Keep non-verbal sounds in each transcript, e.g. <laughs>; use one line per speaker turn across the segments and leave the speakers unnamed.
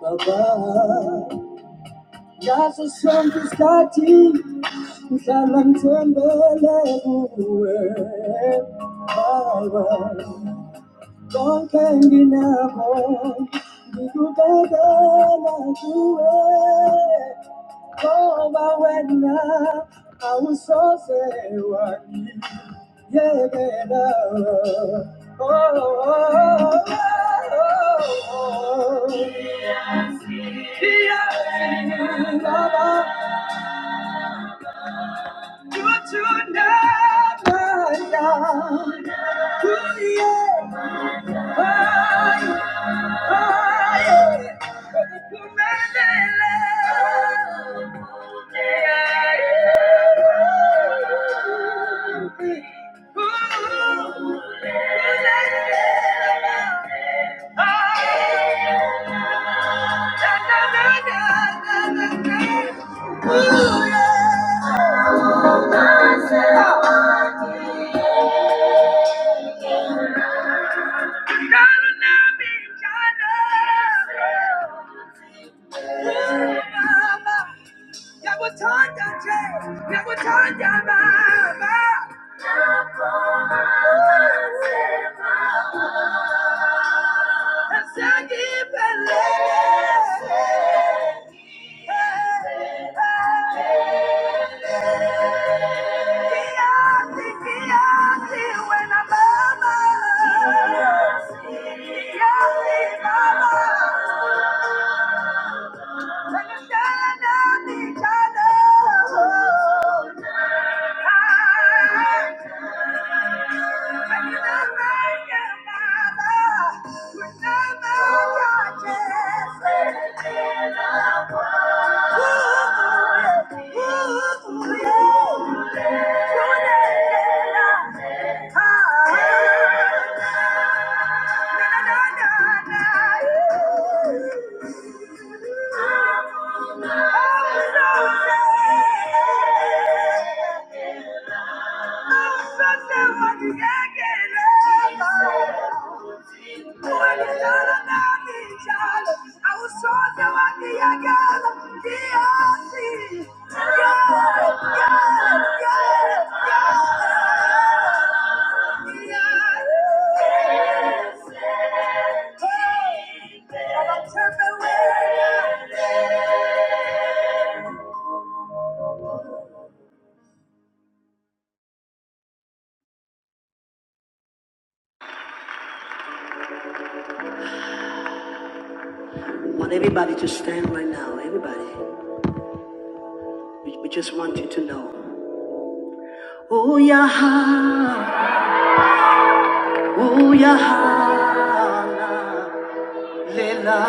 Baba, Kaza sonke isikhathi ngihlala ngithembele kuwe Baba konke nginakho ngikubekela kuwe ngoba wena awusoze wangiyekela oh, oh, oh, oh. oh. Yes, Baba. You do not lie down. Ooh, yeah. Mama, you. Understand each other. Oh, no. I want everybody to stand right now, everybody. We, we just want you to know. O Uyaha, Uyahana, Lela,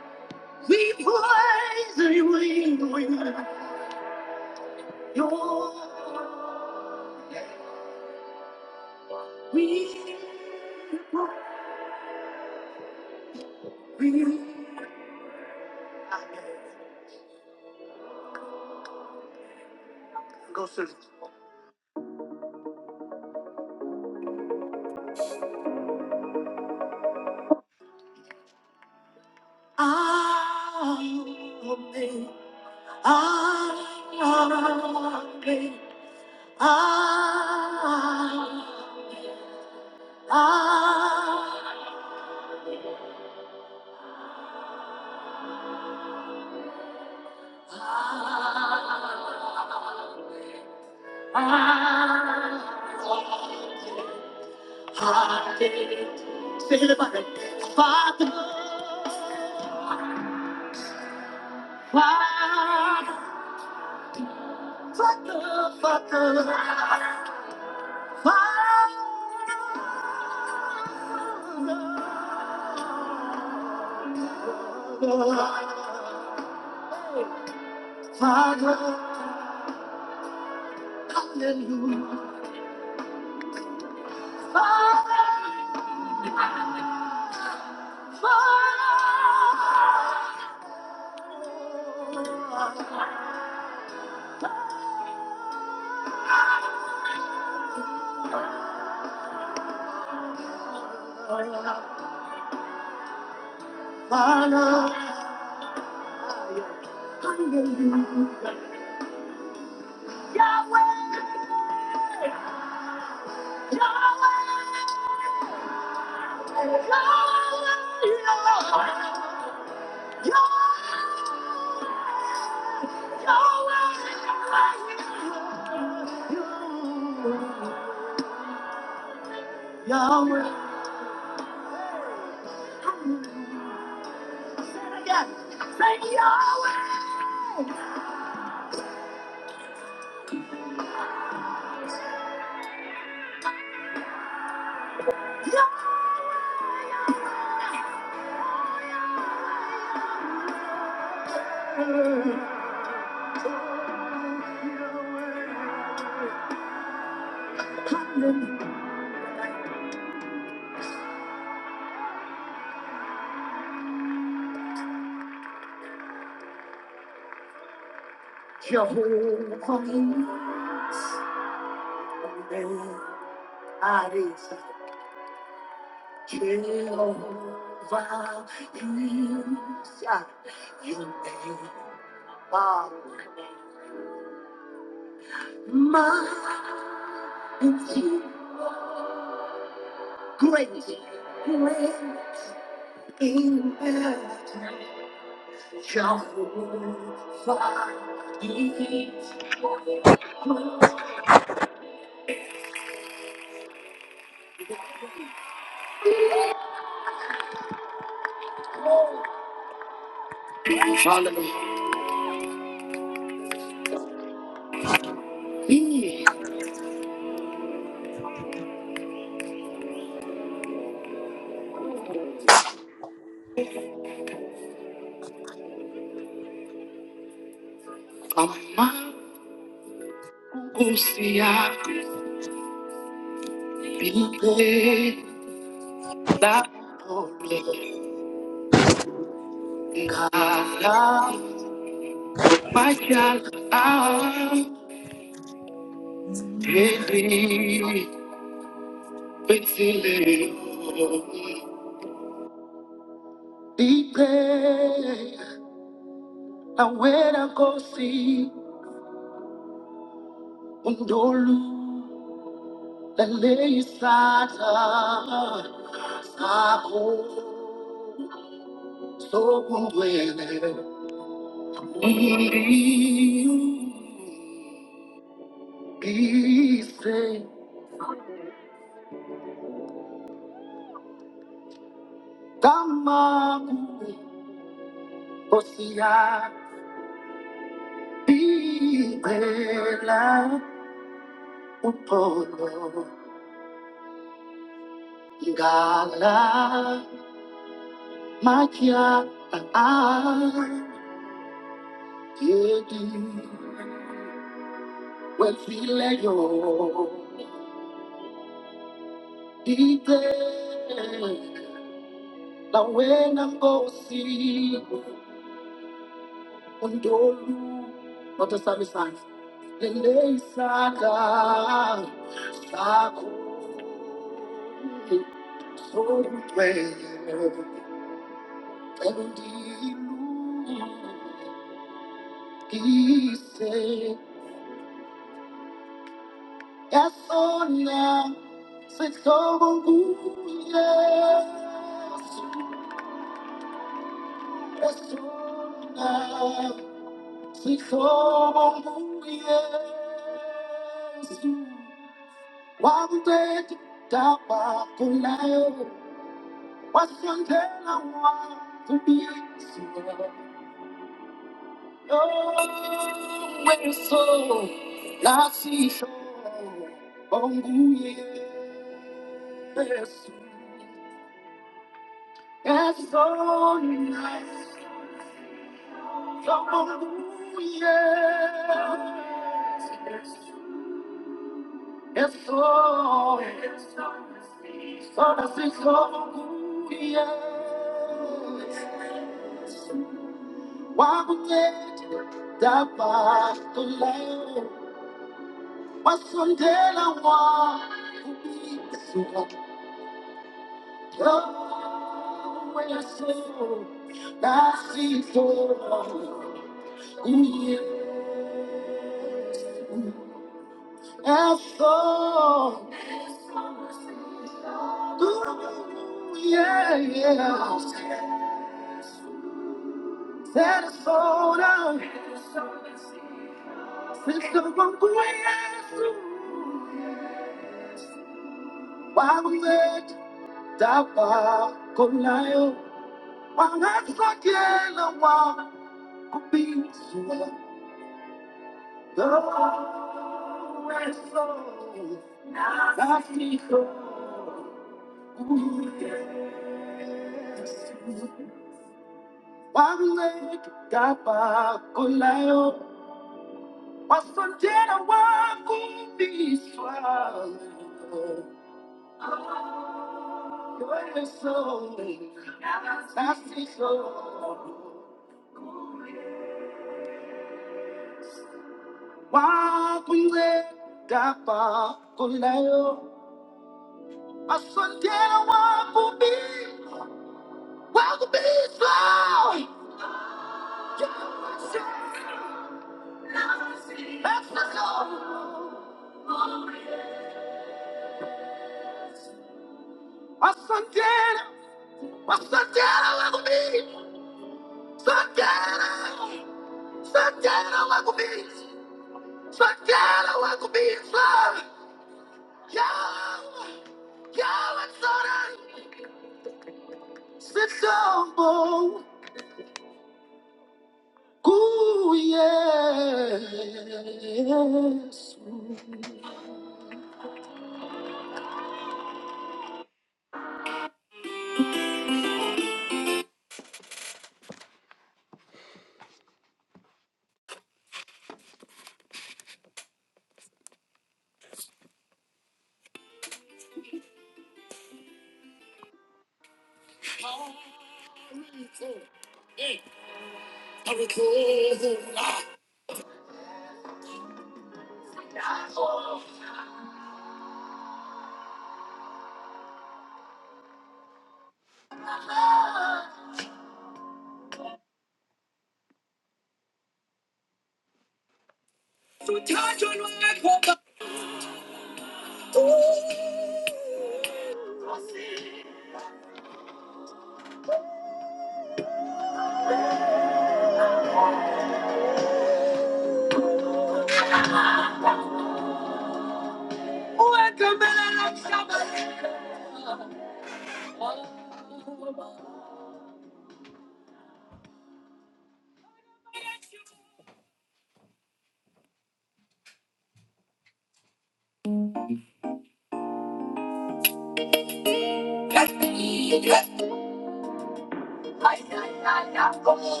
Jesu.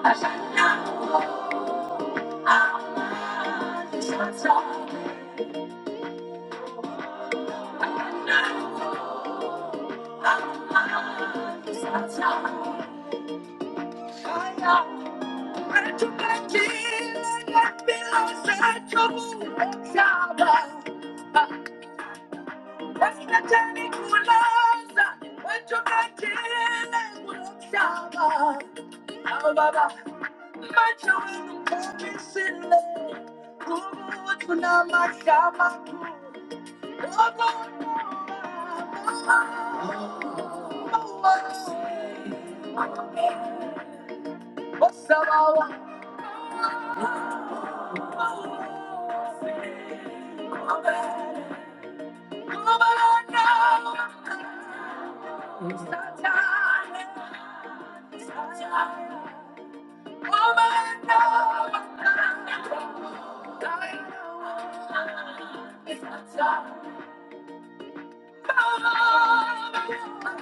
Shabbat. Ababa, macho wenu kumbi sile, kubu tuna mashama It's not time.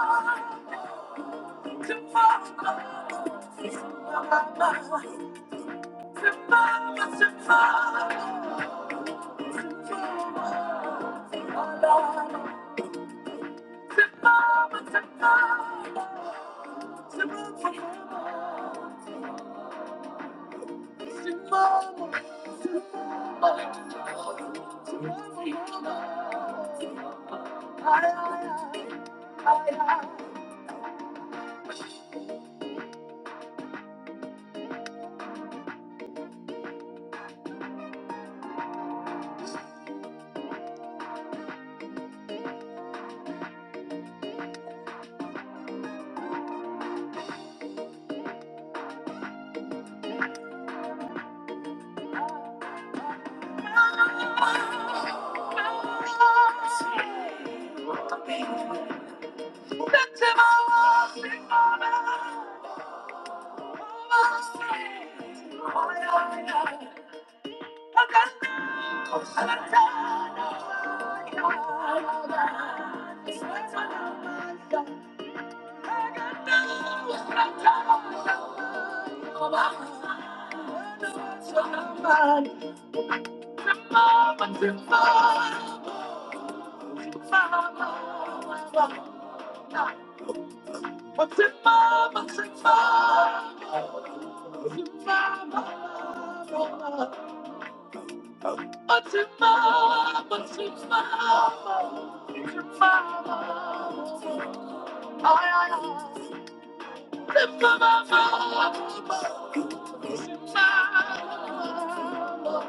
Oh, Tomorrow, tomorrow, tomorrow. I Oh,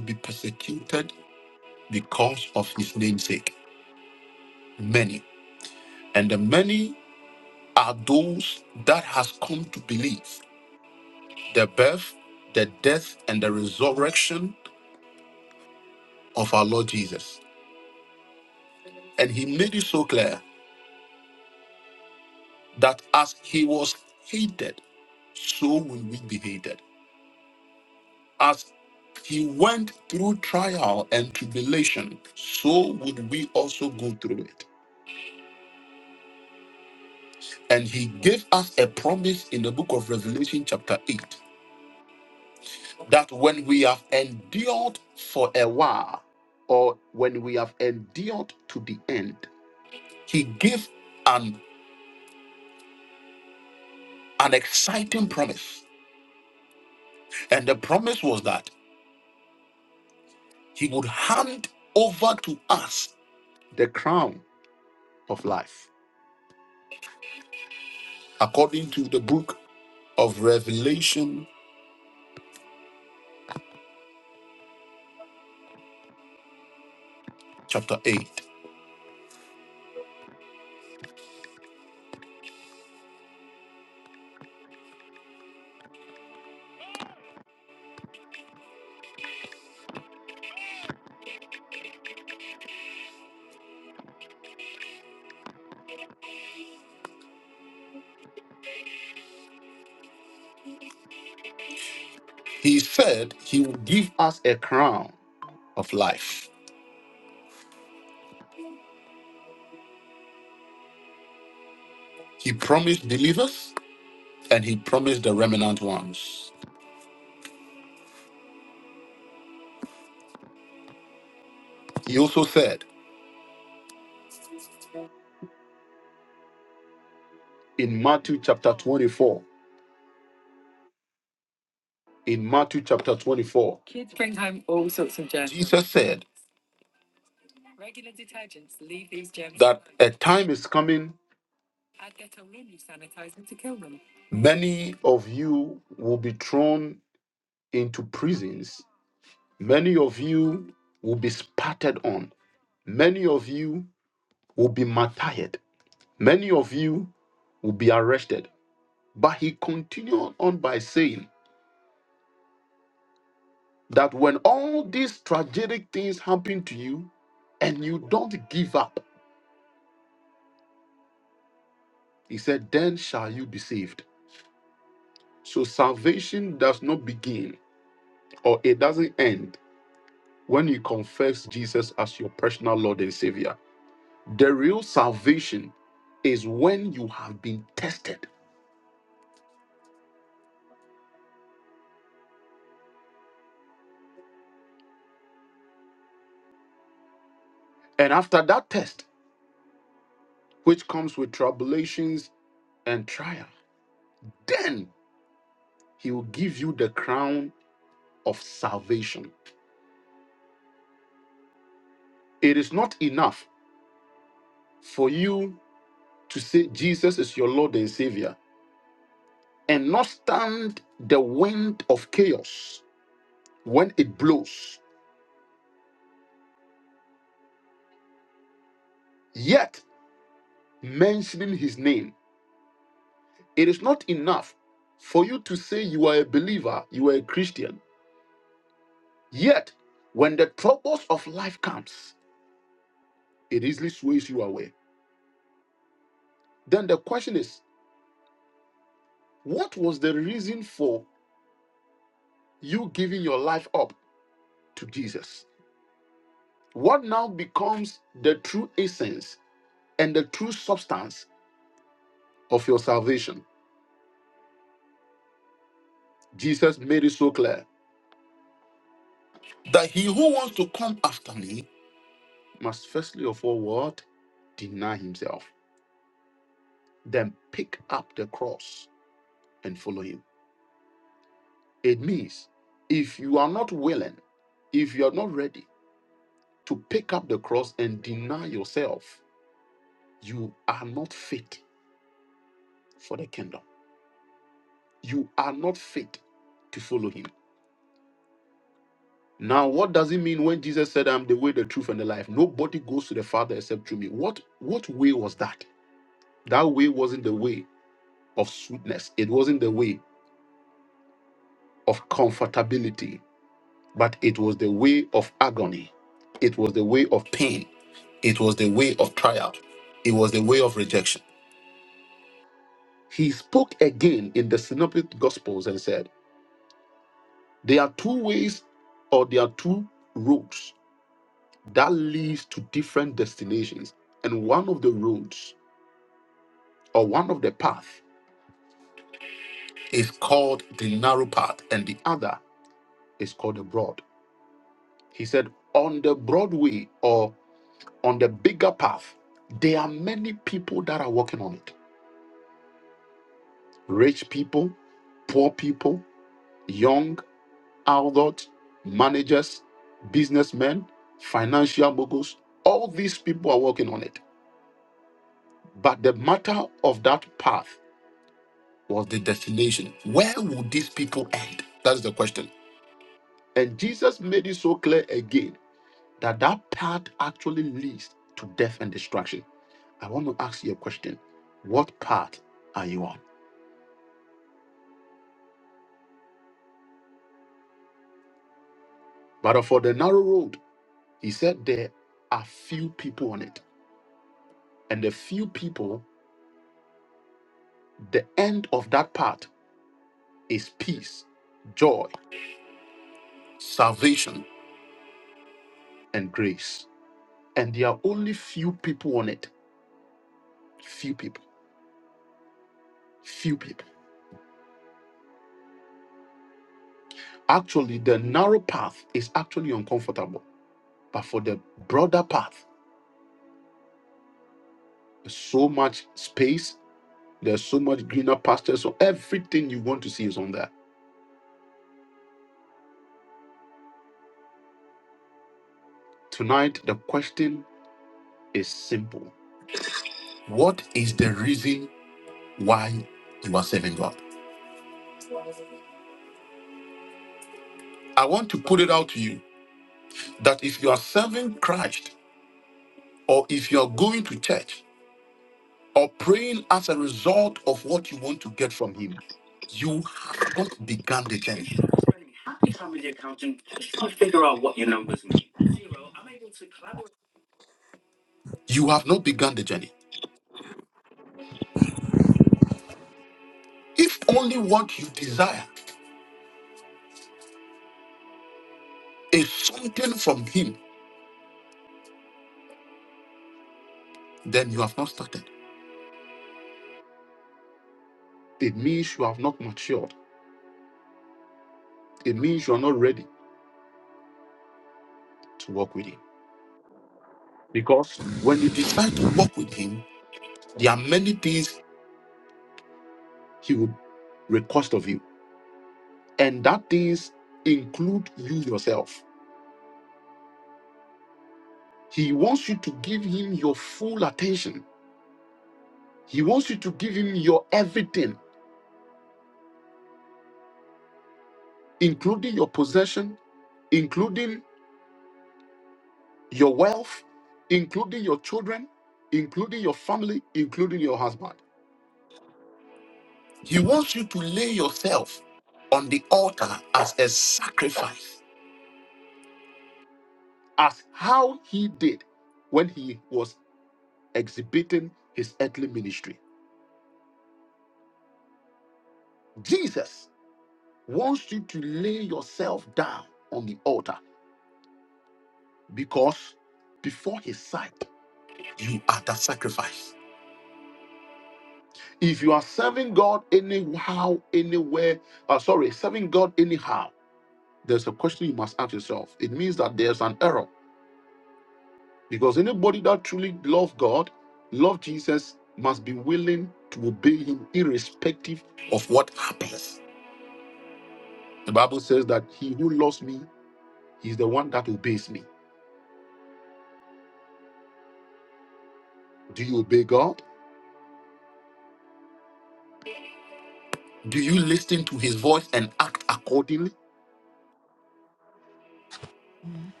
Mm-hmm.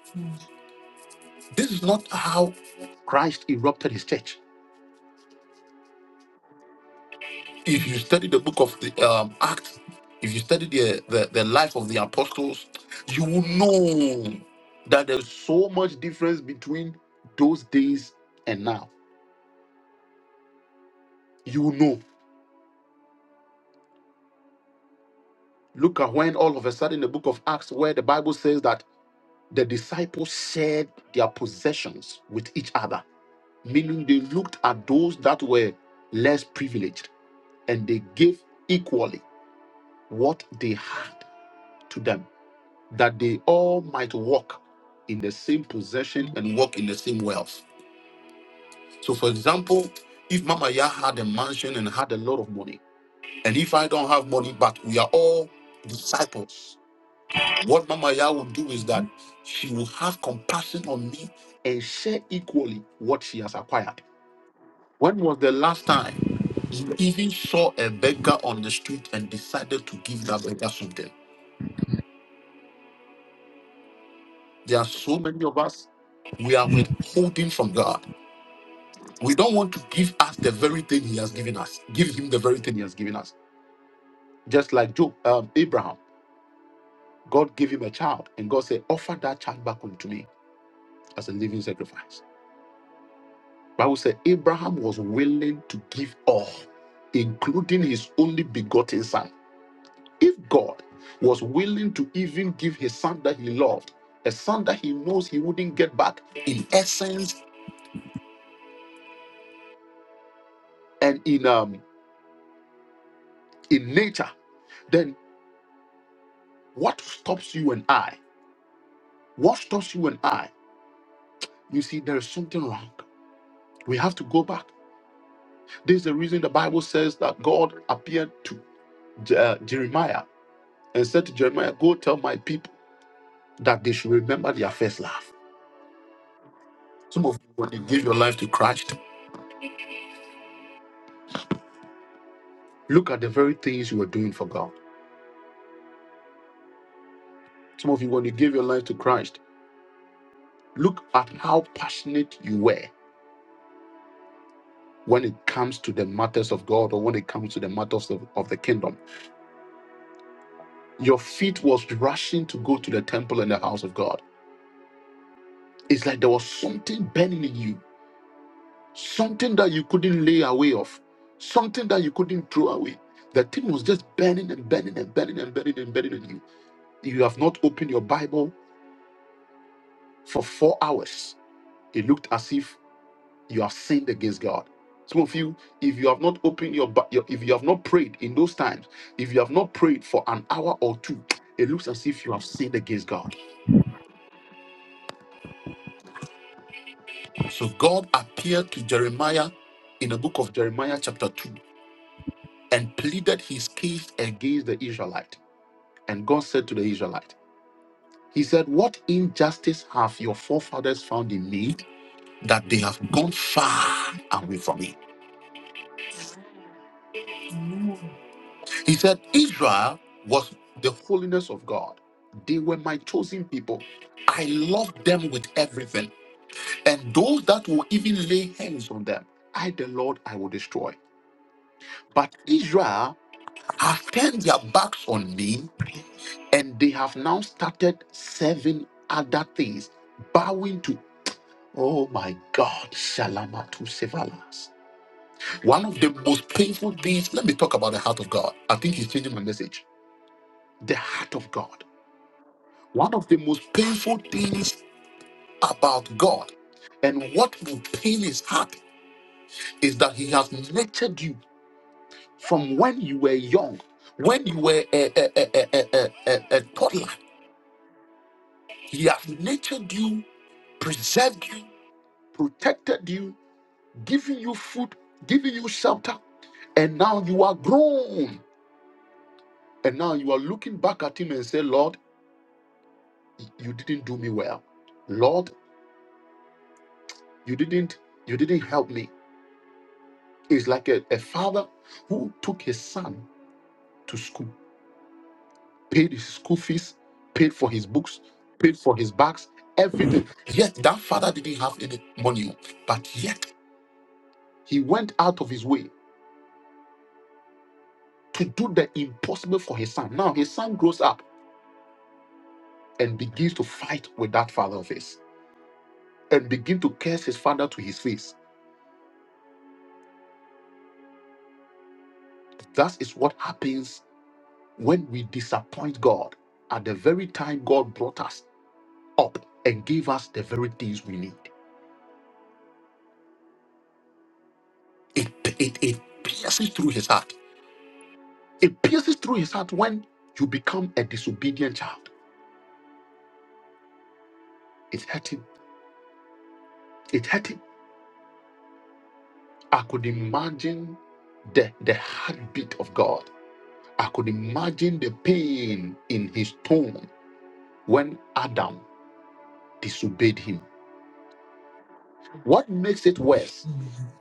Mm-hmm. Mm-hmm. Mm-hmm. Mm-hmm. Mm-hmm. Mm-hmm.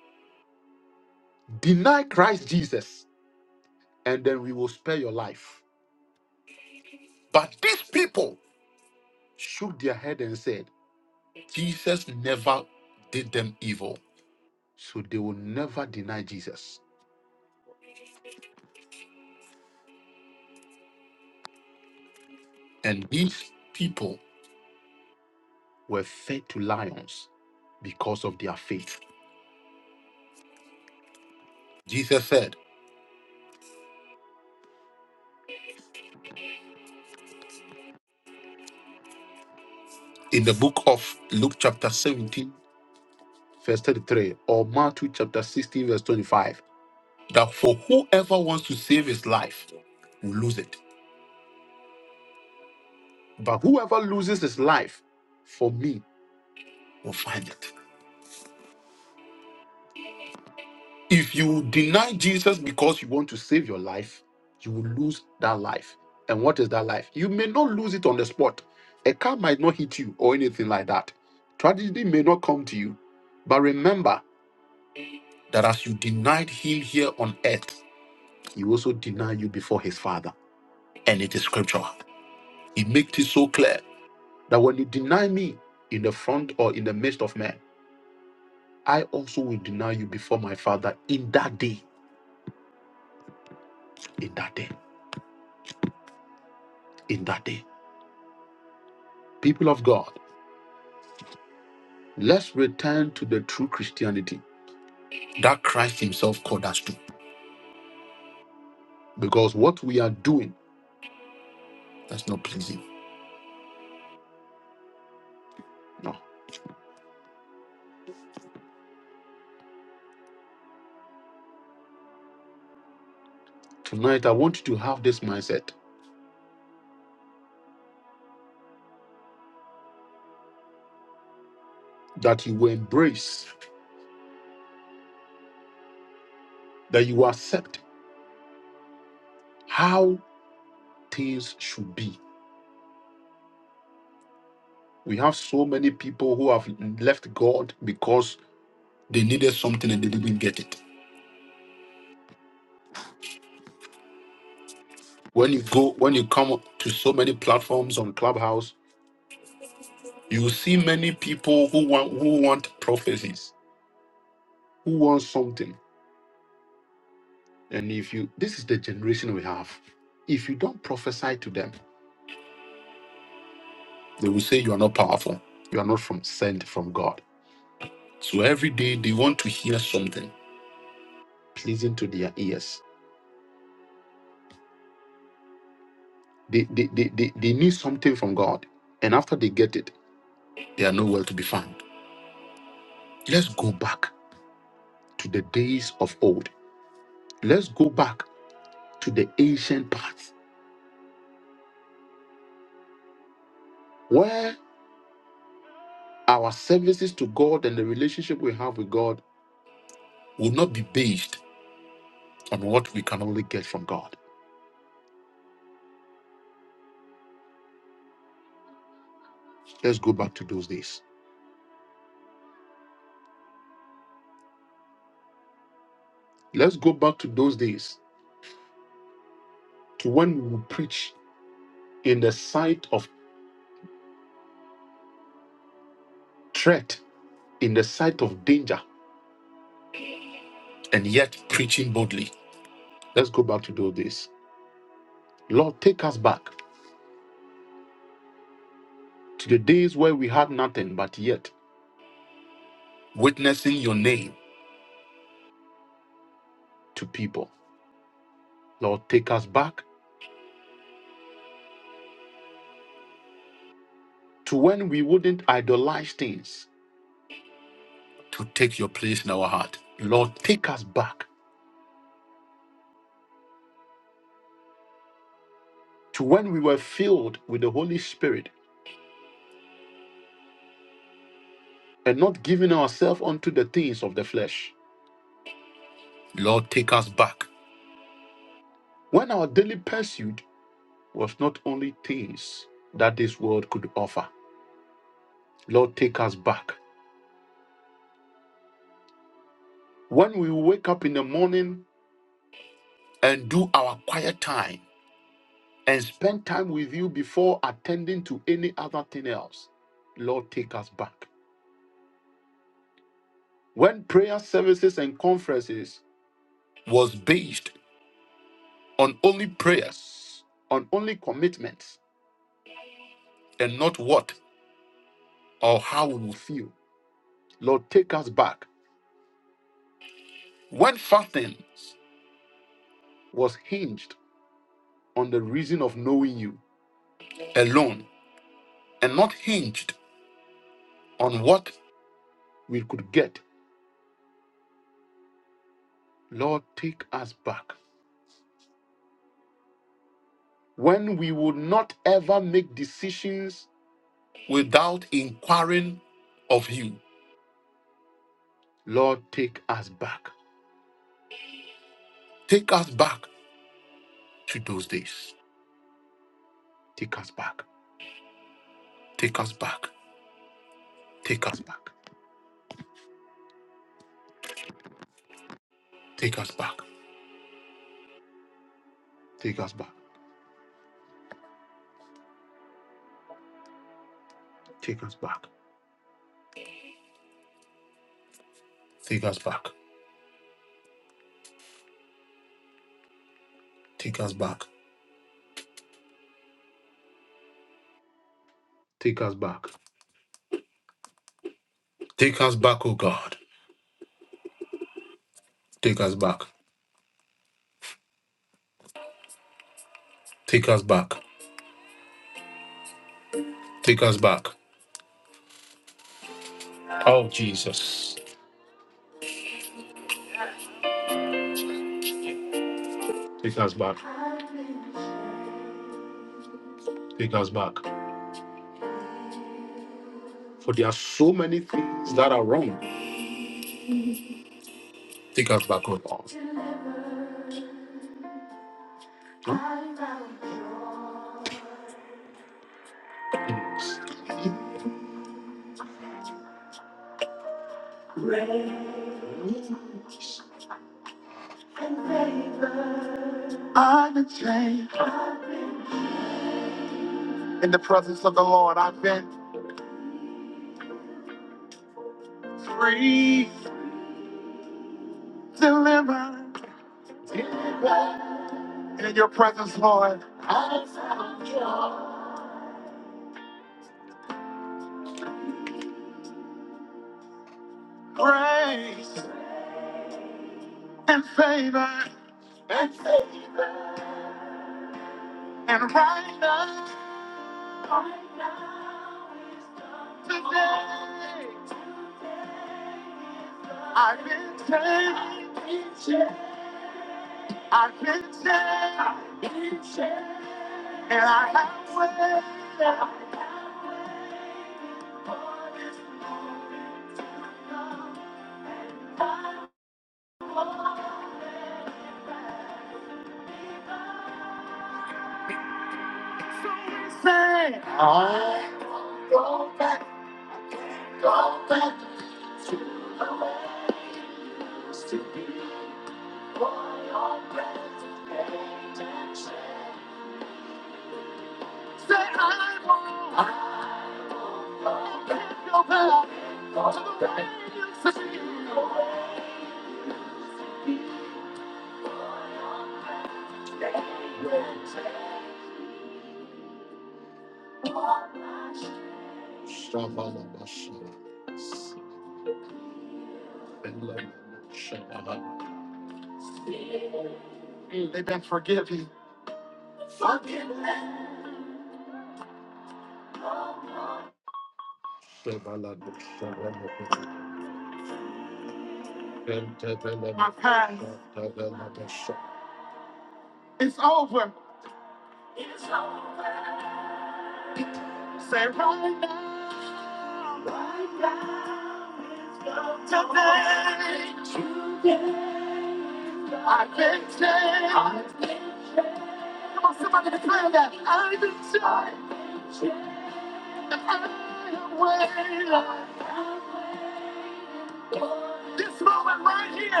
Yes,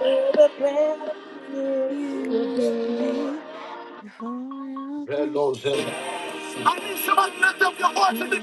to the place you
Used
used to
Use
be.
me for your presence. You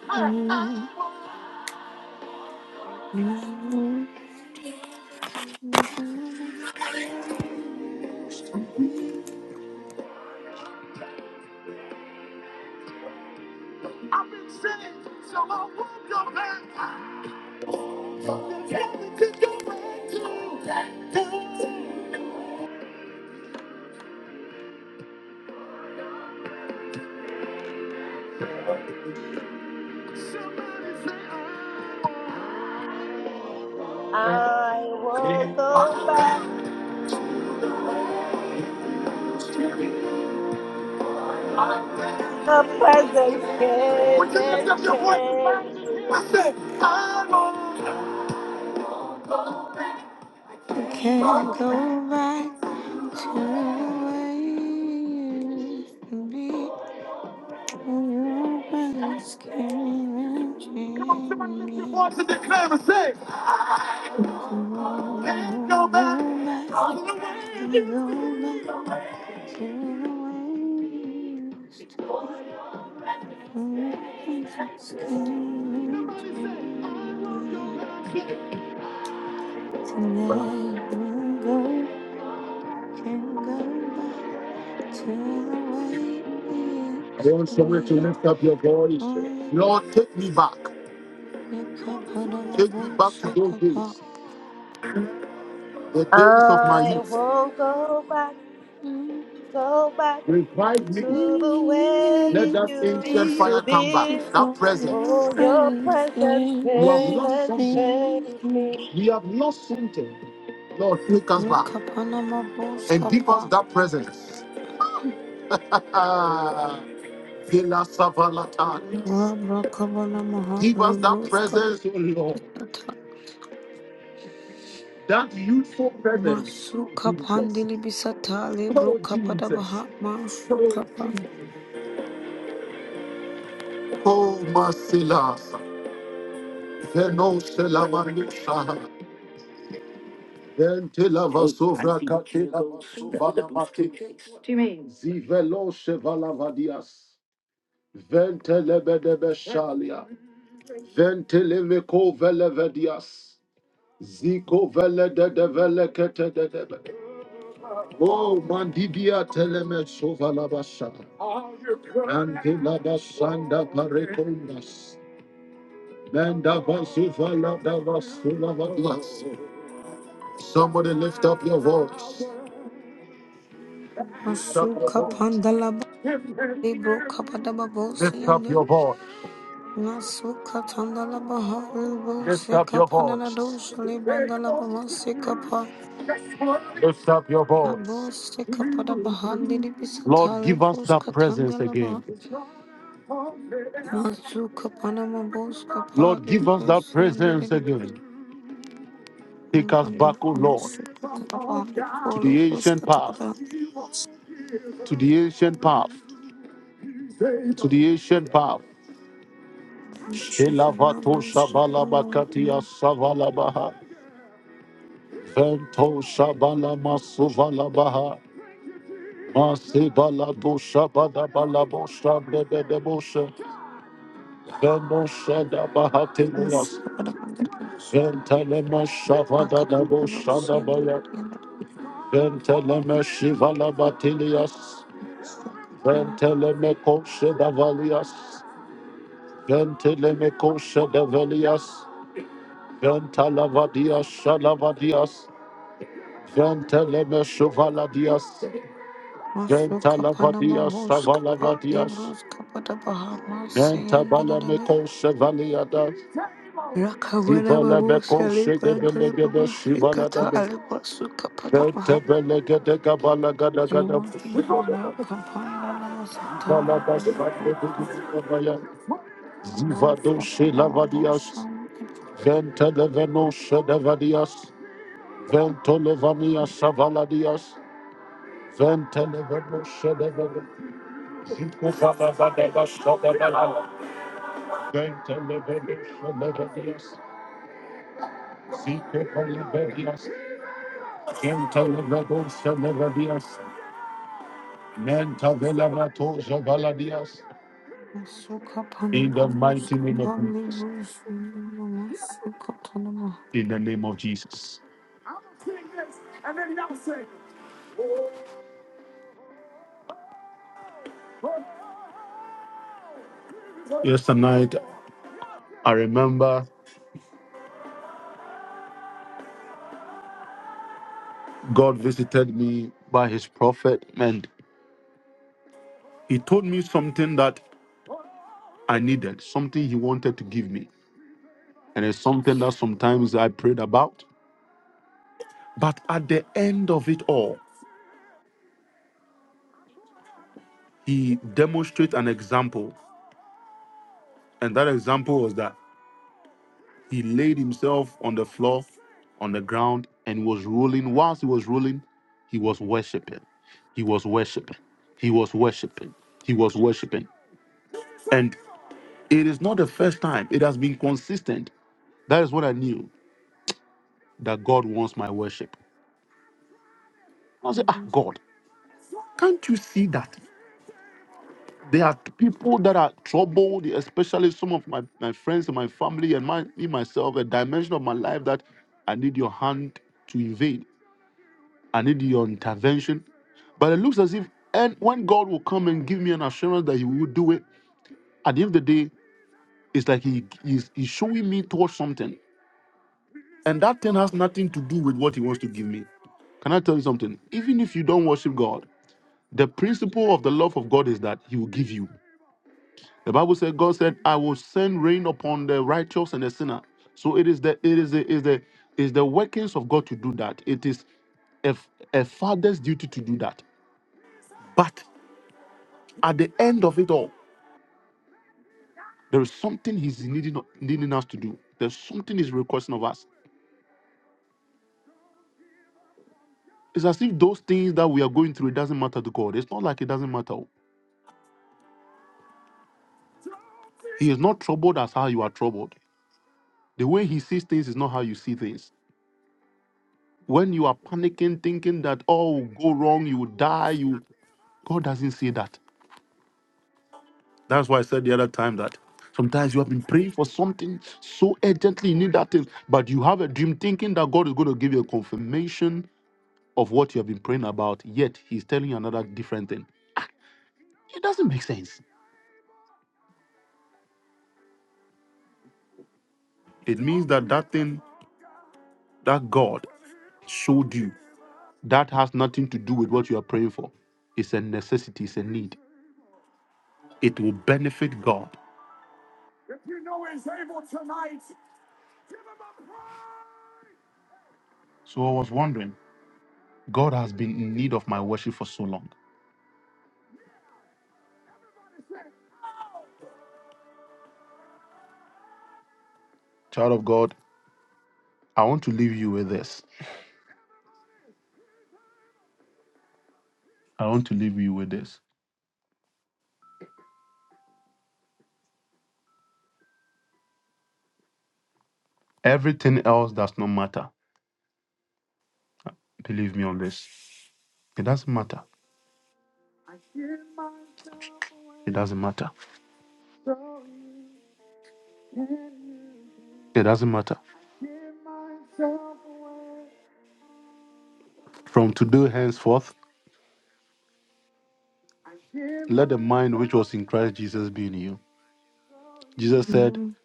I won't go back. Her presence came and changed me.
can't go back to the way you used to be. For your presence came and changed me. Tonight I won't go back and go back to the way you used to be. For your presence came and changed me. Tonight we'll go, can go back to the way it used to be. Fun, nigga, put on my bullshit, could pop.
I won't go back,
Mm,
go back to the
You
way it
used
used
me
to be.
before your
Oh, your
friends
presence
came
came
and
and
came.
changed me.
Wake up on my bullshit, could pop. Rubber, cover on my heart, leave Masuka pandili bisata lebro kapadabaha masuka pan masuka pandalaba lebro kapadaba bolsiyande masuka tandalabaha lebro seka panana dosha lebrandalaba maseka pa Nabo seka padabaha dili bisata lebro ska tandalaba masuka panama boska pa lebro siyande lebro Vandalaba maseka tapa lebro lebro ska She's a man who's so fond of me. Who's capable of the most capable of the ocean and the end of the sector. Masu Kapanama Bus Kapa Libros Kapa da Bahama Sayandelebe Rakawara Bus Aliba Delebaba Hikata Alibasu Kapa da Bahama Lord Jesus Rakapanda Lama Sataya Libros Kapanama Bus Masuka Panama Busca Pali Busi Masika Tanama. Amen.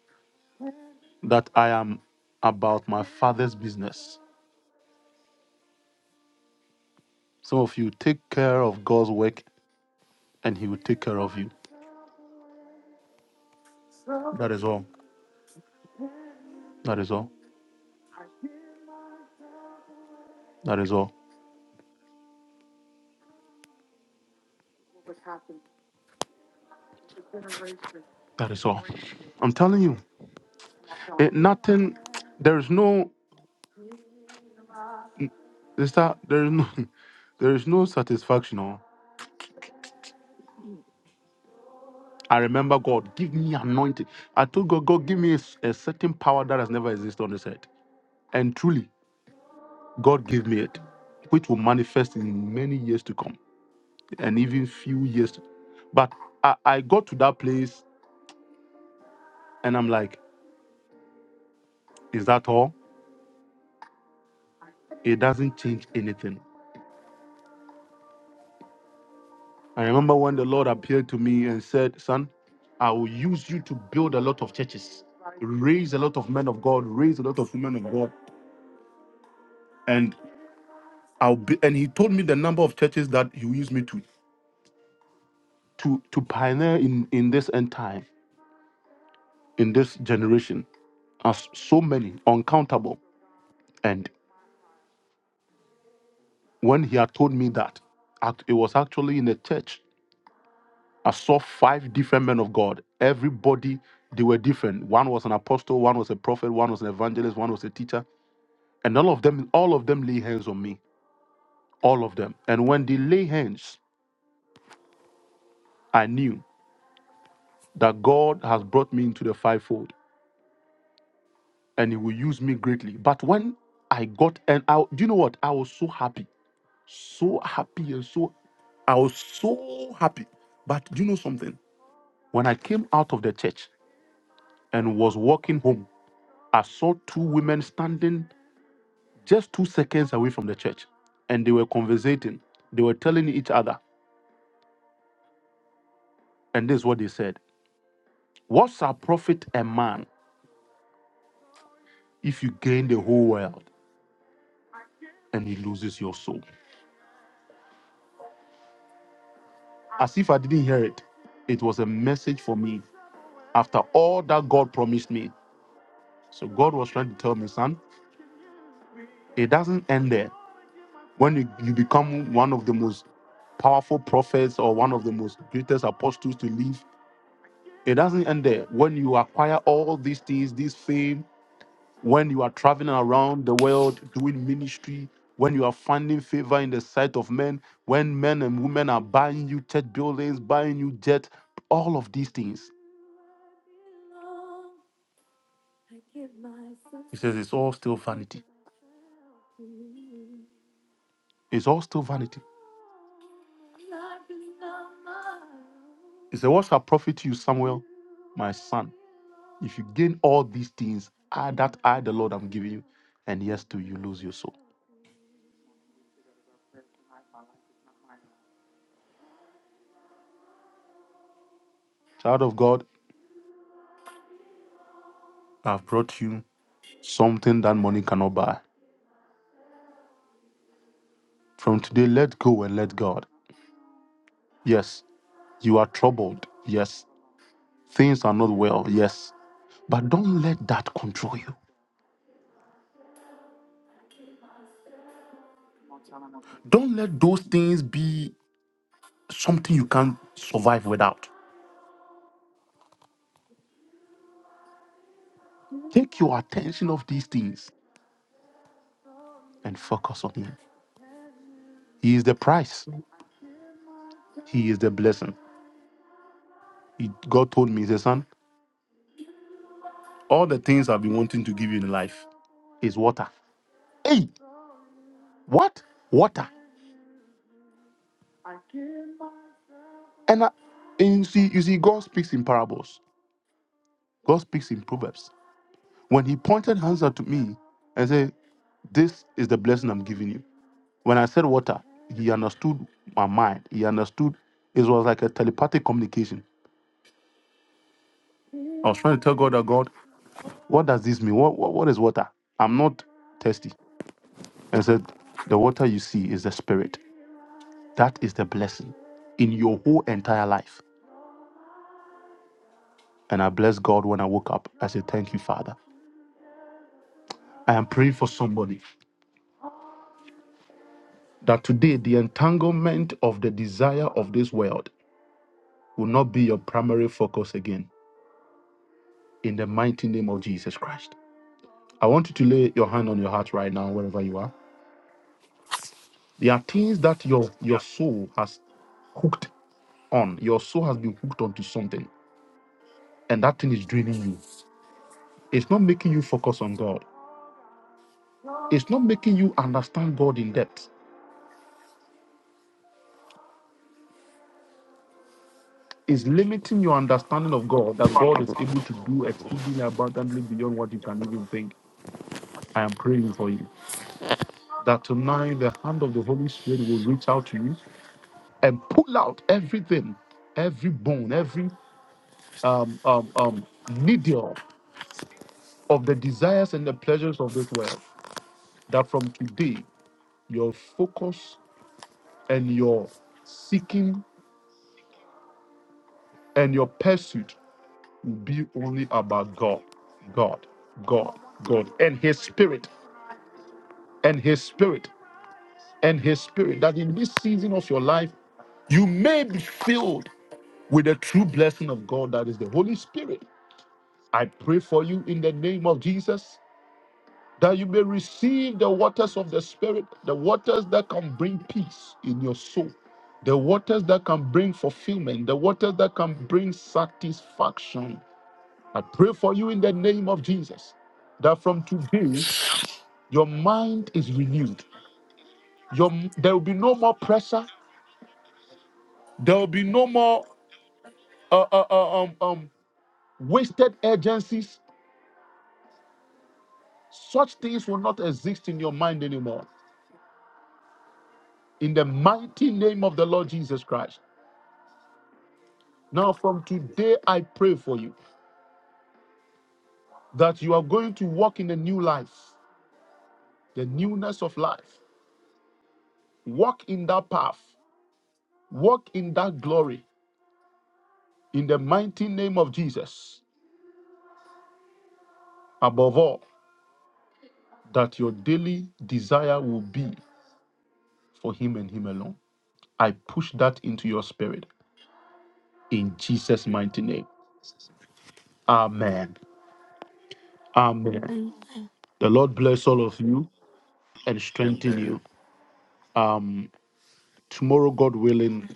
Amen.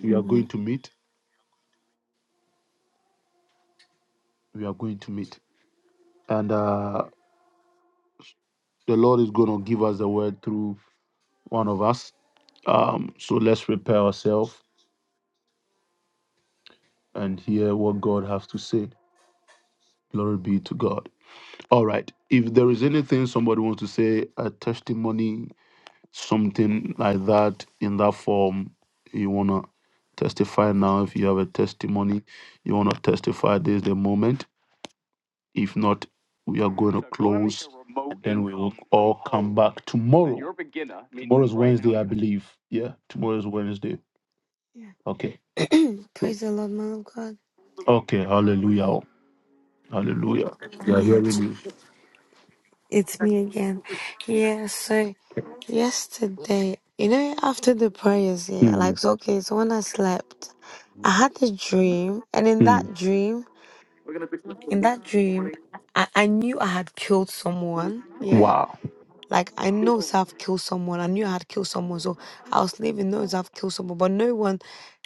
Amen. Yeah. Praise the Lord, man of God. Yeah, it's me again. Yeah, so yesterday, you know, after the prayers, yeah, like, so, okay, so when I slept, I had a dream, and in that dream, in that dream, I, I knew I had killed someone, yeah. Like I know I've killed someone. I knew I had killed someone, so I was living knows I've killed someone. But no one,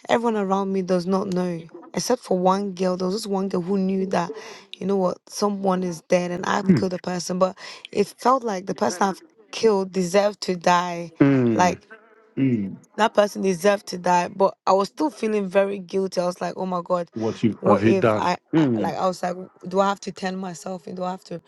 everyone around me does not know, except for one girl. There was this one girl who knew that, you know what, someone is dead and I've killed a person. But it felt like the person I've killed deserved to die. Like that person deserved to die. But I was still feeling very guilty. I was like, oh my god, what if I I- like I was like, do I have to tell myself and do I have to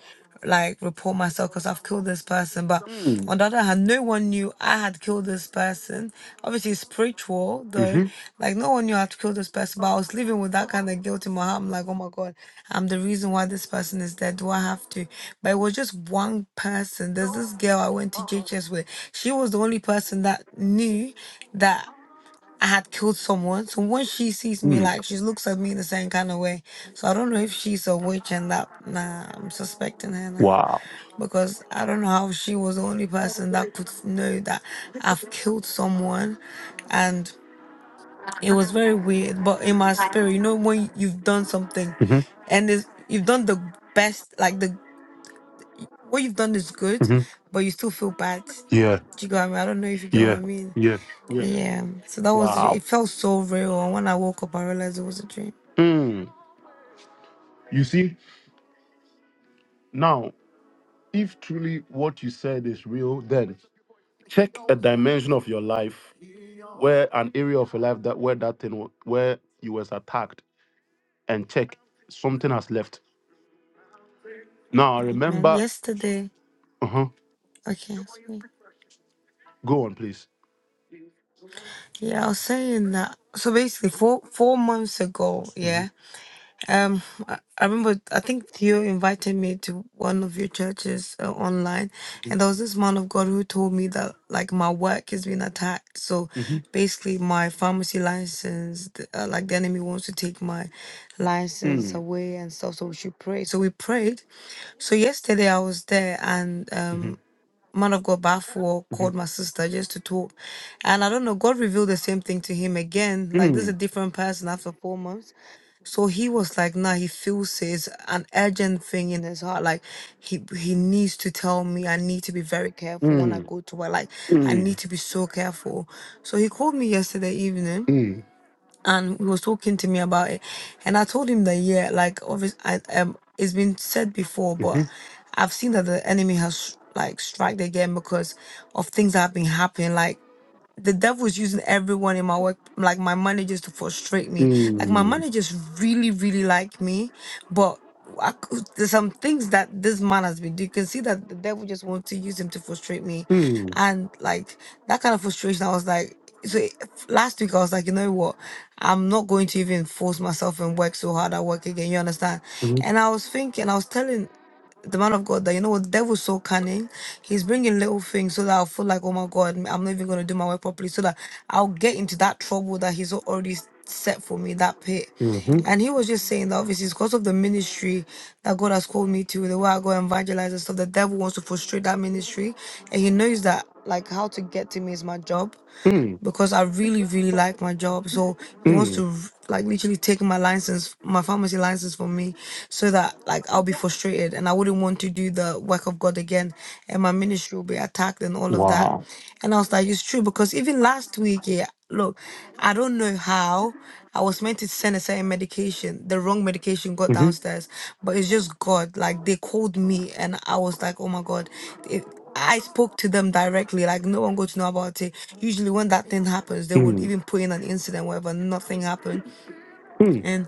like report myself because I've killed this person? But on the other hand, no one knew I had killed this person. Obviously, it's spiritual though, like no one knew I had to kill this person. But I was living with that kind of guilt in my heart. I'm like, oh my god, I'm the reason why this person is dead. Do I have to? But it was just one person. There's this girl I went to JHS with. She was the only person that knew that I had killed someone. So when she sees me, like she looks at me in the same kind of way. So I don't know if she's a witch and that. Nah, I'm suspecting her now because I don't know how she was the only person that could know that I've killed someone, and it was very weird. But in my spirit, you know, when you've done something, and it's, you've done the best, like the what you've done is good, but you still feel bad. Do you get what I mean? I don't know if you get what I mean. Yeah, so that was it. Felt so real. And when I woke up, I realized it was a dream. Amen. Yesterday, okay. sorry. Yeah, I was saying that. So basically, four four months ago, yeah. Um, I, I remember. I think Theo invited me to one of your churches uh, online, and there was this man of God who told me that like my work has been attacked. So basically, my pharmacy license, th- uh, like the enemy wants to take my license away and stuff. So we should pray. So we prayed So yesterday I was there and um man of God Bafuo called my sister just to talk. And I don't know, God revealed the same thing to him again. Like this is a different person after four months. So he was like, nah, he feels it's an urgent thing in his heart. Like he he needs to tell me I need to be very careful when I go to work. Like I need to be so careful. So he called me yesterday evening and he was talking to me about it and i told him that yeah like obviously i um it's been said before but i've seen that the enemy has like strike again because of things that have been happening like the devil is using everyone in my work, like my managers, to frustrate me. Like my managers really, really like me, but I, cou- there's some things that this man has been. doing. You can see that the devil just wants to use him to frustrate me, and like that kind of frustration, I was like. So it- last week I was like, you know what, I'm not going to even force myself and work so hard at work again. You understand? And I was thinking, I was telling the man of God that you know what the devil's so cunning. He's bringing little things so that I'll feel like, oh my God, I'm not even gonna do my work properly, so that I'll get into that trouble that he's already s- set for me, that pit. And he was just saying that obviously it's because of the ministry that God has called me to, the way I go and evangelize and stuff. The devil wants to frustrate that ministry, and he knows that like how to get to me is my job because I really, really like my job. So he wants to like literally take my license, my pharmacy license from me, so that like I'll be frustrated and I wouldn't want to do the work of God again, and my ministry will be attacked and all of that. And I was like, it's true because even last week, yeah, look, I don't know how I was meant to send a certain medication, the wrong medication got downstairs, but it's just God. Like they called me and I was like, oh my God, it, I spoke to them directly, like no one got to know about it. Usually, when that thing happens, they would even put in an incident, whatever, nothing happened. And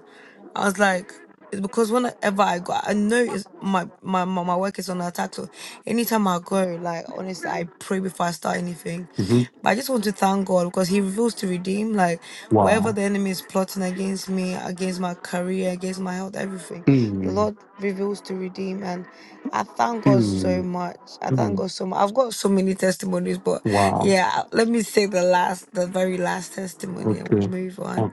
I was like, it's because whenever I go, I know it's my, my my my work is on attack. So anytime I go, like honestly, I pray before I start anything. But I just want to thank God because He reveals to redeem. Like wherever the enemy is plotting against me, against my career, against my health, everything, the Lord reveals to redeem. And I thank God so much. I thank God so much. I've got so many testimonies, but yeah, let me say the last, the very last testimony, and we'll move on.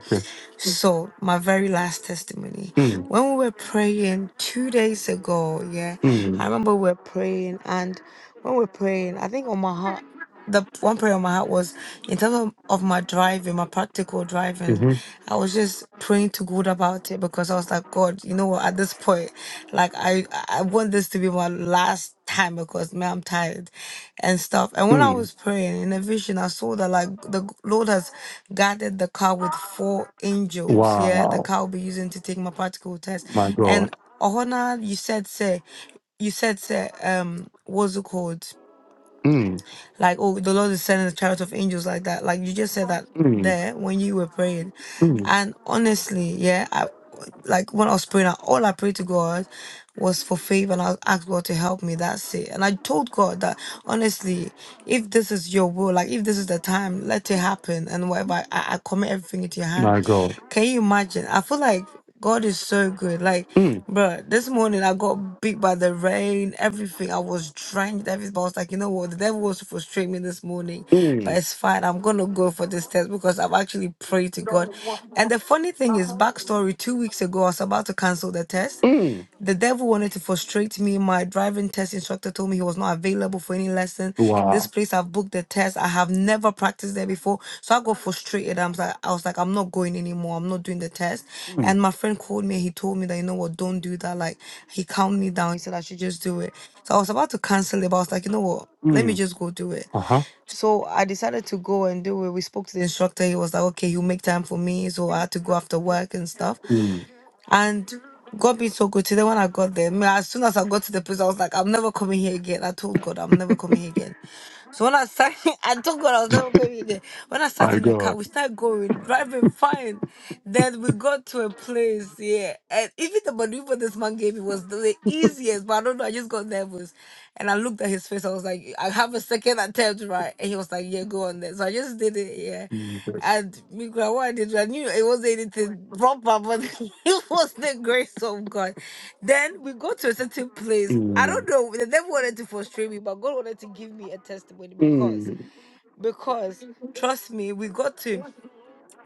So, my very last testimony. When we were praying two days ago, yeah, I remember we were praying, and when we were praying, I think on my heart, the one prayer on my heart was in terms of, of my driving, my practical driving, I was just praying to God about it because I was like, God, you know what, at this point, like I I want this to be my last time because man, I'm tired and stuff. And when I was praying in a vision, I saw that like the Lord has guarded the car with four angels. Yeah, the car will be using to take my practical test. And Ohana, you said say you said say um what's it called? Like, oh, the Lord is sending a chariot of angels like that. Like you just said that there when you were praying. And honestly, yeah, I, like when I was praying, I- all I prayed to God was for favor and I asked God to help me. That's it. And I told God that honestly, if this is your will, like if this is the time, let it happen and whatever I, I commit everything into your hand. Can you imagine? I feel like God is so good. Like, bro, this morning I got beat by the rain, everything. I was drenched, everything. But I was like, you know what? The devil wants to frustrate me this morning, but it's fine. I'm gonna go for this test because I've actually prayed to God. And the funny thing is, backstory: two weeks ago, I was about to cancel the test. The devil wanted to frustrate me. My driving test instructor told me he was not available for any lesson. This place I've booked the test. I have never practiced there before. So I got frustrated. I'm like, I was like, I'm not going anymore. I'm not doing the test. And my friend called me and he told me that, you know what, don't do that. Like he calmed me down. He said I should just do it. So I was about to cancel it, but I was like, you know what? Let me just go do it. So I decided to go and do it. We spoke to the instructor. He was like, okay, he'll make time for me. So I had to go after work and stuff. And God be so good. Today when I got there, me- as soon as I got to the place, I was like, I'm never coming here again. I told God, I'm never coming here again. So when I sat, <laughs> I told God I was never coming here again. When I sat in the car, we started going, driving fine. Then we got to a place, yeah. And even the maneuver this man gave me was the easiest, but I don't know. I just got nervous. And I looked at his face. I was like, I have a second attempt, right? And he was like, Yeah, go on there. So I just did it, yeah. And Mika, what I did, I knew it wasn't anything proper, but <laughs> it was the grace of God. Then we go to a certain place. I don't know. The devil wanted to frustrate me, but God wanted to give me a testimony because, because trust me, we got to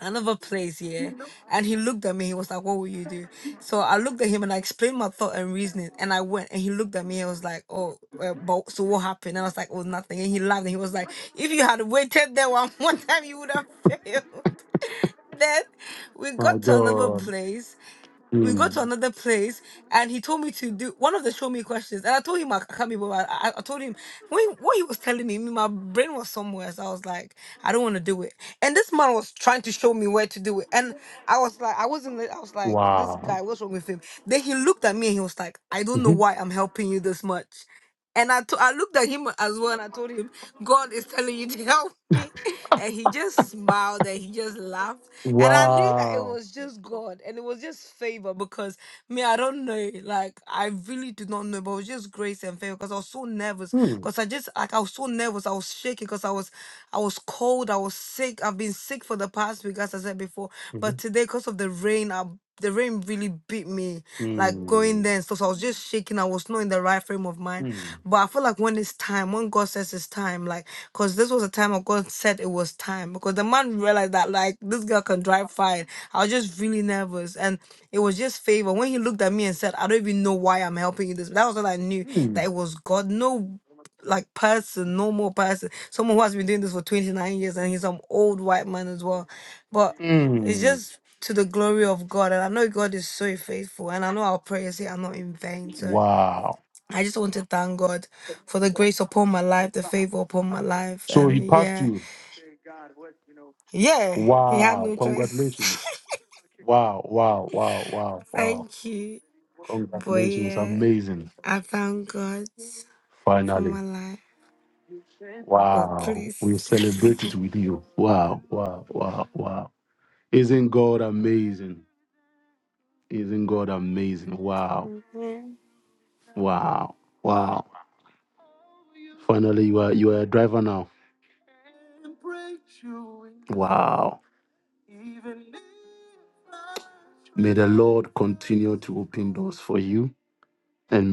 another place here, and he looked at me. He was like, "What will you do?" So I looked at him and I explained my thought and reasoning, and I went. And he looked at me. I was like, "Oh, uh, but so what happened?" And I was like, "Oh, nothing." And he laughed and he was like, "If you had waited there one <laughs> more time, you would have <laughs> failed." then we got to another place. We got to another place, and he told me to do one of the show me questions. And I told him I I can't be bothered. I, I I told him when what he was telling me, my brain was somewhere. So I was like, I don't want to do it. And this man was trying to show me where to do it, and I was like, I wasn't. I was like, this guy, what's wrong with him? Then he looked at me and he was like, I don't know why I'm helping you this much. And I to- I looked at him as well and I told him, God is telling you to <laughs> help me. And he just smiled and he just laughed. And I knew that it was just God and it was just favor because me, I don't know. Like, I really do not know, but it was just grace and favor because I was so nervous. Because I just, like, I was so nervous. I was shaking because I was, I was cold. I was sick. I've been sick for the past week, as I said before. But. But today, because of the rain, I, the rain really beat me, like going there and stuff. So I was just shaking. I was not in the right frame of mind. But I feel like when it's time, when God says it's time, like, because this was the time of God said it was time. Because the man realized that, like, this girl can drive fine. I was just really nervous. And it was just favor. When he looked at me and said, I don't even know why I'm helping you this, that was all I knew that it was God. No like person, normal person, someone who has been doing this for 29 years and he's some old white man as well. But it's just to the glory of God. And I know God is so faithful. And I know our prayers here are not in vain. So I just want to thank God for the grace upon my life, the favor upon my life. And yeah, yeah, he had no choice. <laughs> thank you. But yeah, I thank God for my life. Oh, please. <laughs> Amen.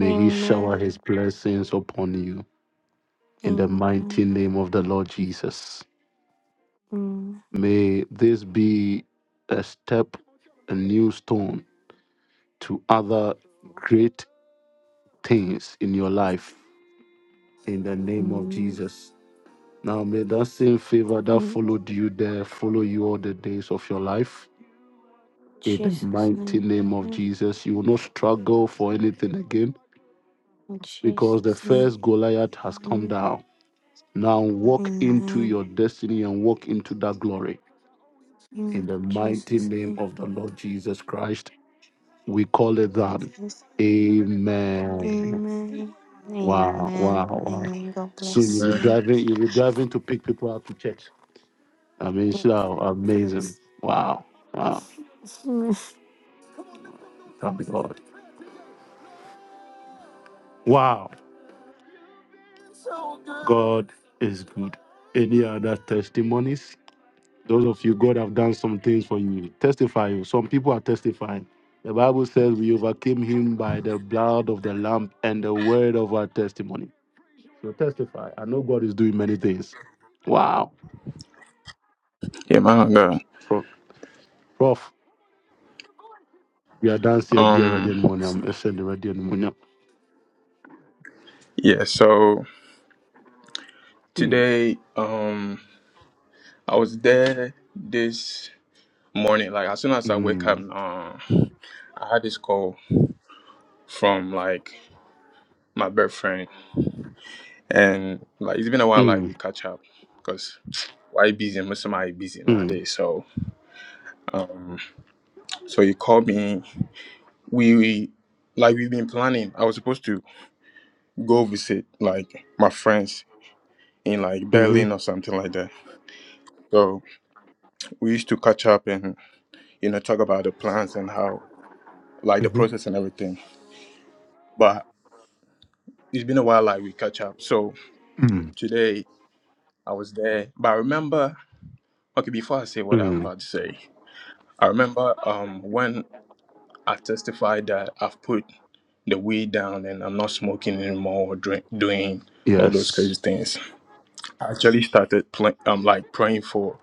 Amen. Amen. Amen. Amen. In Jesus' name. Amen. In Jesus' name. Amen. In Jesus' name. In Jesus' name. Amen. Amen. Amen. God bless
man.
you. Oh, goodness. <laughs>
Yeah, my God. Um, yeah. So today, um, I was there this morning. Like as soon as I wake up, uh, I had this call from like my best friend, and like it's been a while. Like we catch up because why busy? Most of my busy nowadays. So, um, so he called me. We, we like we've been planning. I was supposed to go visit like my friends in like Berlin or something like that. So we used to catch up and you know, talk about the plans and how, like, the process and everything. But it's been a while, like, we catch up. So today I was there, but I remember, okay, before I say what I'm about to say, I remember um, when I testified that I've put the weed down and I'm not smoking anymore or drink, doing all those crazy things. I actually started pl- um, like praying for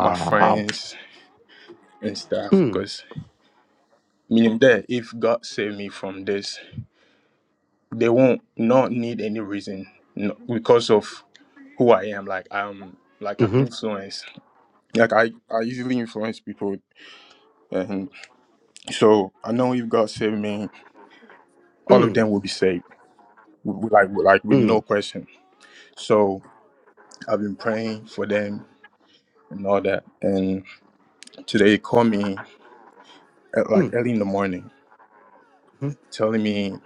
my friends and stuff because meaning that if God saved me from this they won't not need any reason no, because of who I am. Like I'm like an influence. Like I I easily influence people, and so I know if God saved me, all of them will be saved. W- w- Like like with no question. So I've been praying for them and all that. And today he called me at like early in the morning, telling me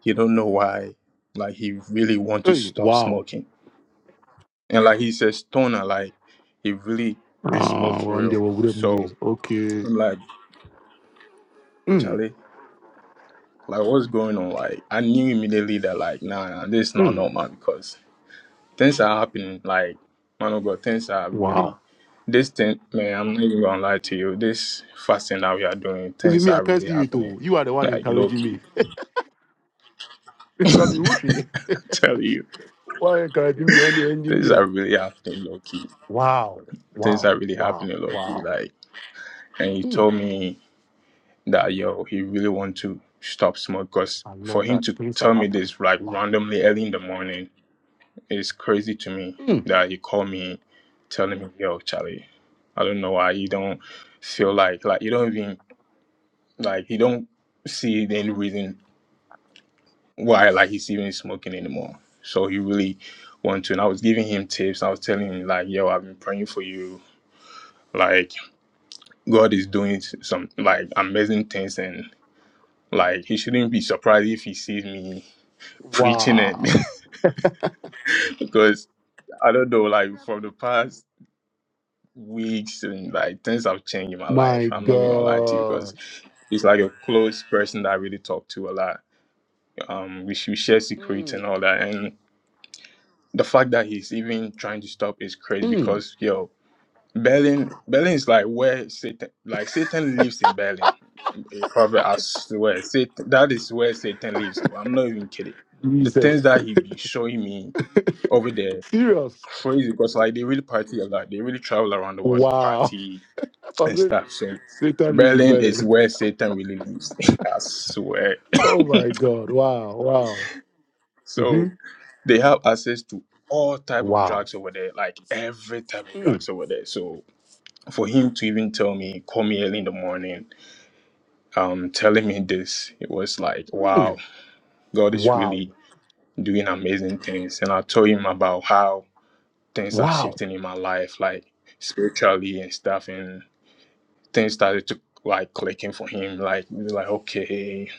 he don't know why. Like he really want to stop smoking And like he says, stoner, like he really did smoke for real. So I'm like, Charlie, like what's going on? Like I knew immediately that like nah, nah this is not normal because things are happening. Like man of God, things are really this thing man, I'm not even gonna lie to you. This fasting that we are doing, things are really happening. Like low key, <laughs> I tell you, things are really happening low key. Things are really happening low key. Like and he told me that yo, he really want to stop smoke. Cause for him to tell me this like randomly early in the morning is crazy to me. That he called me, telling me, yo, Charlie, I don't know why you don't feel like like you don't even like you don't see any reason why like he's even smoking anymore. So he really want to, and I was giving him tips. I was telling him like, yo, I've been praying for you. Like God is doing some like amazing things, and like he shouldn't be surprised if he sees me preaching it <laughs> because I don't know, like from the past weeks and like things have changed in my life. I'm not even gonna lie to you because he's like a close person that I really talk to a lot. Um, we should share secrets and all that. And the fact that he's even trying to stop is crazy because yo, Berlin, Berlin is like where Satan, like Satan lives in Berlin. Probably I swear, Satan, that is where Satan lives. I'm not even kidding. The things that he been showing me over there. crazy because like they really party a lot. They really travel around the world, they party and stuff. So Berlin is where Satan really lives. <laughs> I swear. So they have access to all type of drugs over there, like every type of drugs over there. So for him to even tell me, call me early in the morning, um, telling me this, it was like, wow, God is really doing amazing things. And I told him about how things are shifting in my life, like spiritually and stuff. and. things started to like clicking for him. Like he was like, okay.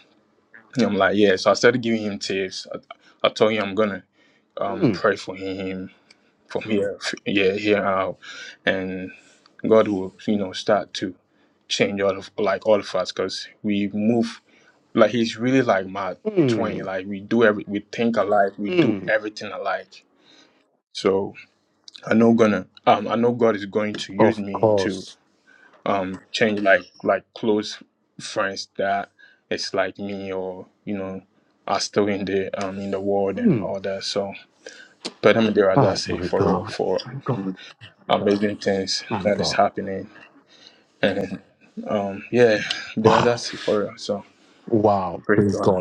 And I'm like, yeah. So I started giving him tips. I, I told him I'm gonna um pray for him from here, f- yeah, here out, and God will you know start to change all of like all of us because we move like he's really like my twin. Like we do every we think alike, we do everything alike. So I know gonna um I know God is going to use me to change like like close friends that it's like me or you know are still in the um in the world and all that. So but I'm there as I say for real for amazing things that is happening and um yeah there as I say for real. So praise God.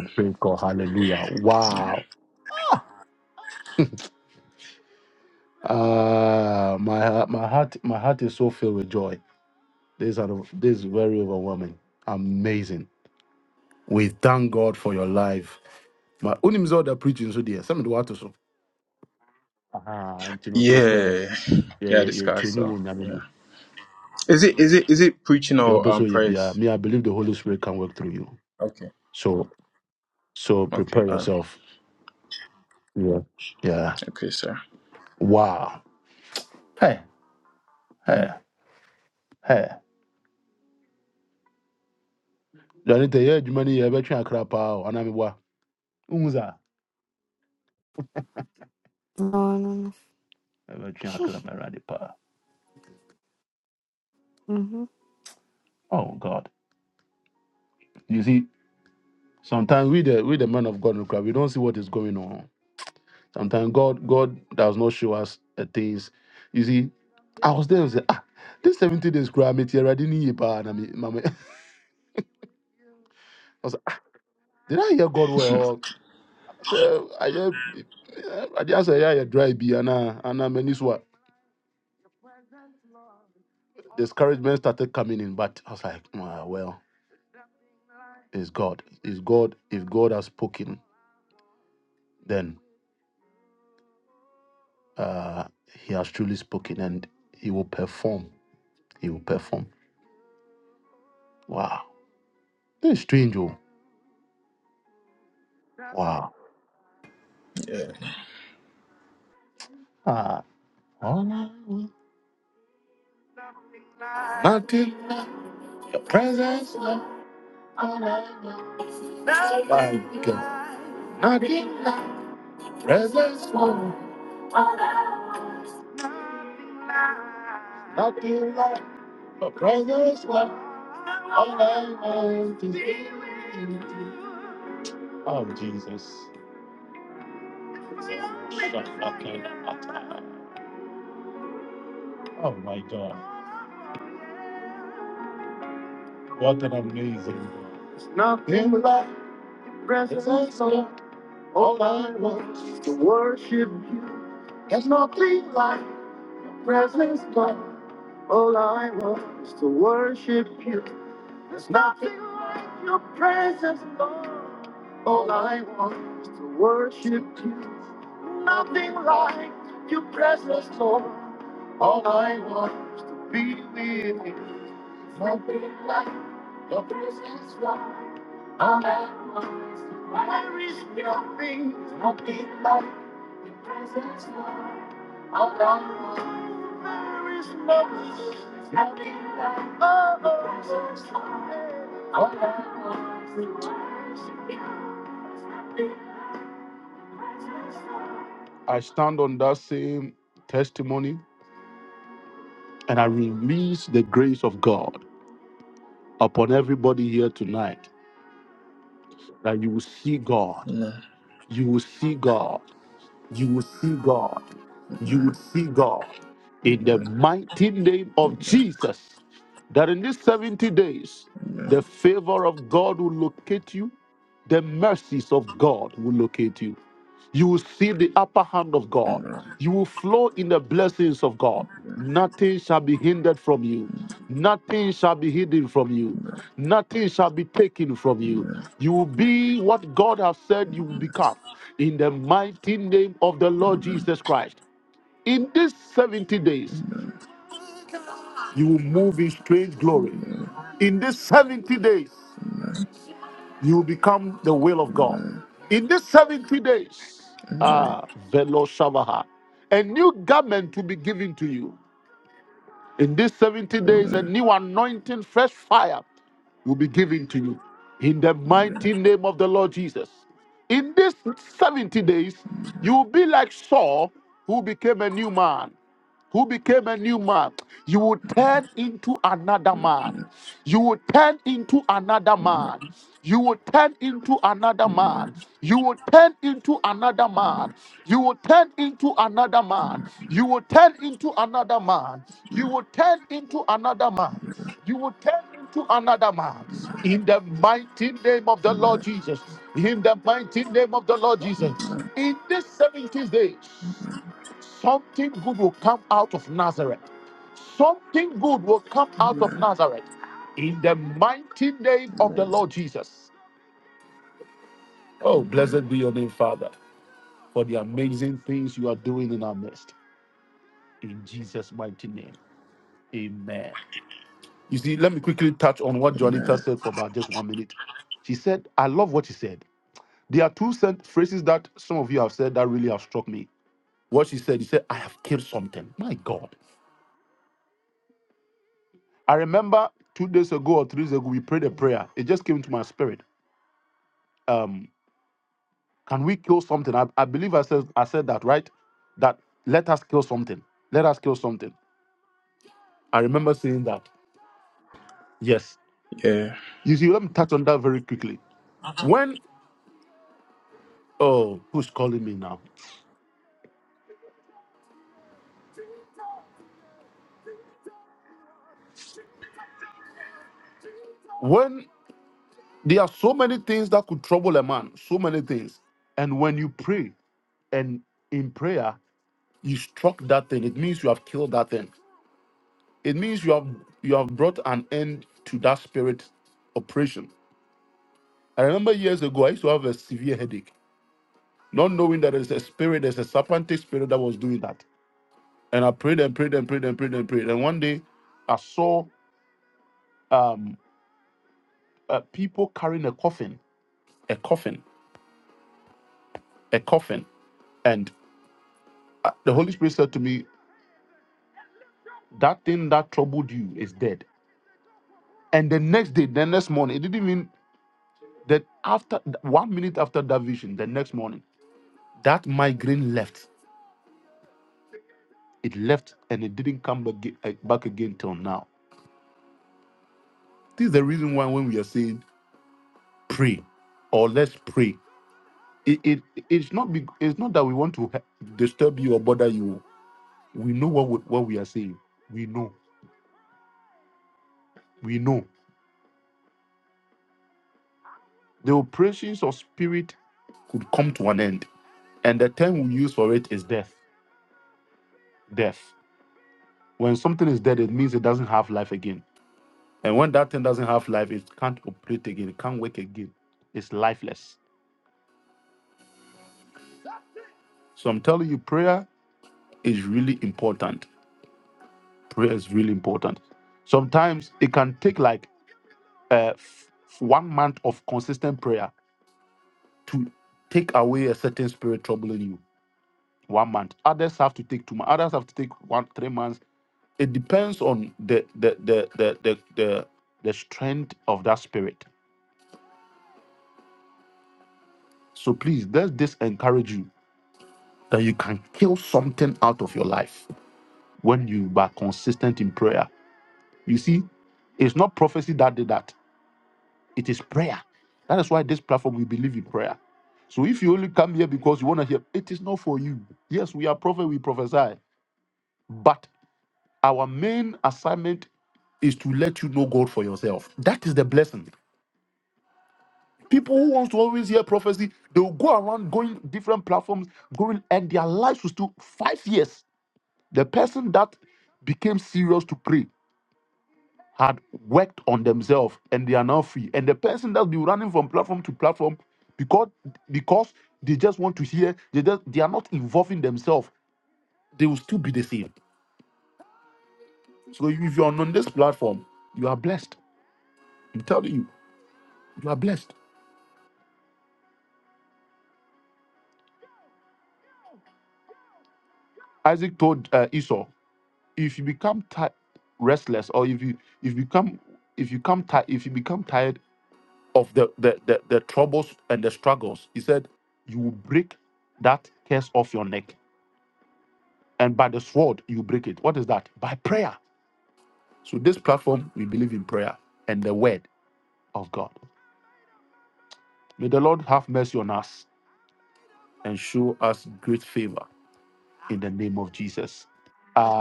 Yeah yeah this guy so yeah is it is it is it preaching or um praise? Okay okay all right okay sir
No, no, no. Mm-hmm.
yeah. Amen. Amen. Amen. Amen. Amen. Yeah.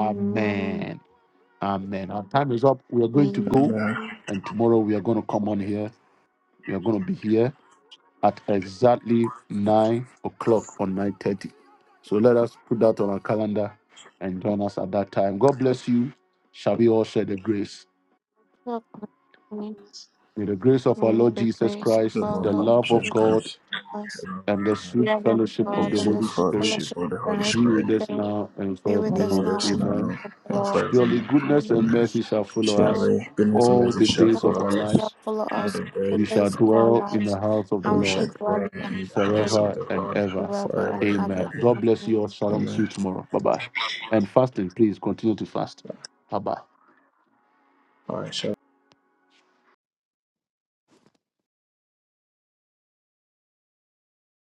Amen.
Amen.
Amen. God bless you. May the grace of
The
our
Lord of
Lord
Jesus Christ,
Jesus, love of
and the
God, and
sweet
the sweet
fellowship
fellowship
of the
of the
Holy
Holy
Spirit,
Spirit be with
be
us
with us
now
now
and
and
forevermore.
forevermore.
Amen.
Amen. Surely, goodness and mercy shall
Your
follow
mercy
us
shall follow
all
us
the
all the
days
days
of
of
our
our
lives,
lives, and
and we
we
shall
shall dwell
dwell
in the
in the
house of the
house of
Lord
the Lord
forever and
forever
ever.
and ever.
Amen.
Amen. All right, so.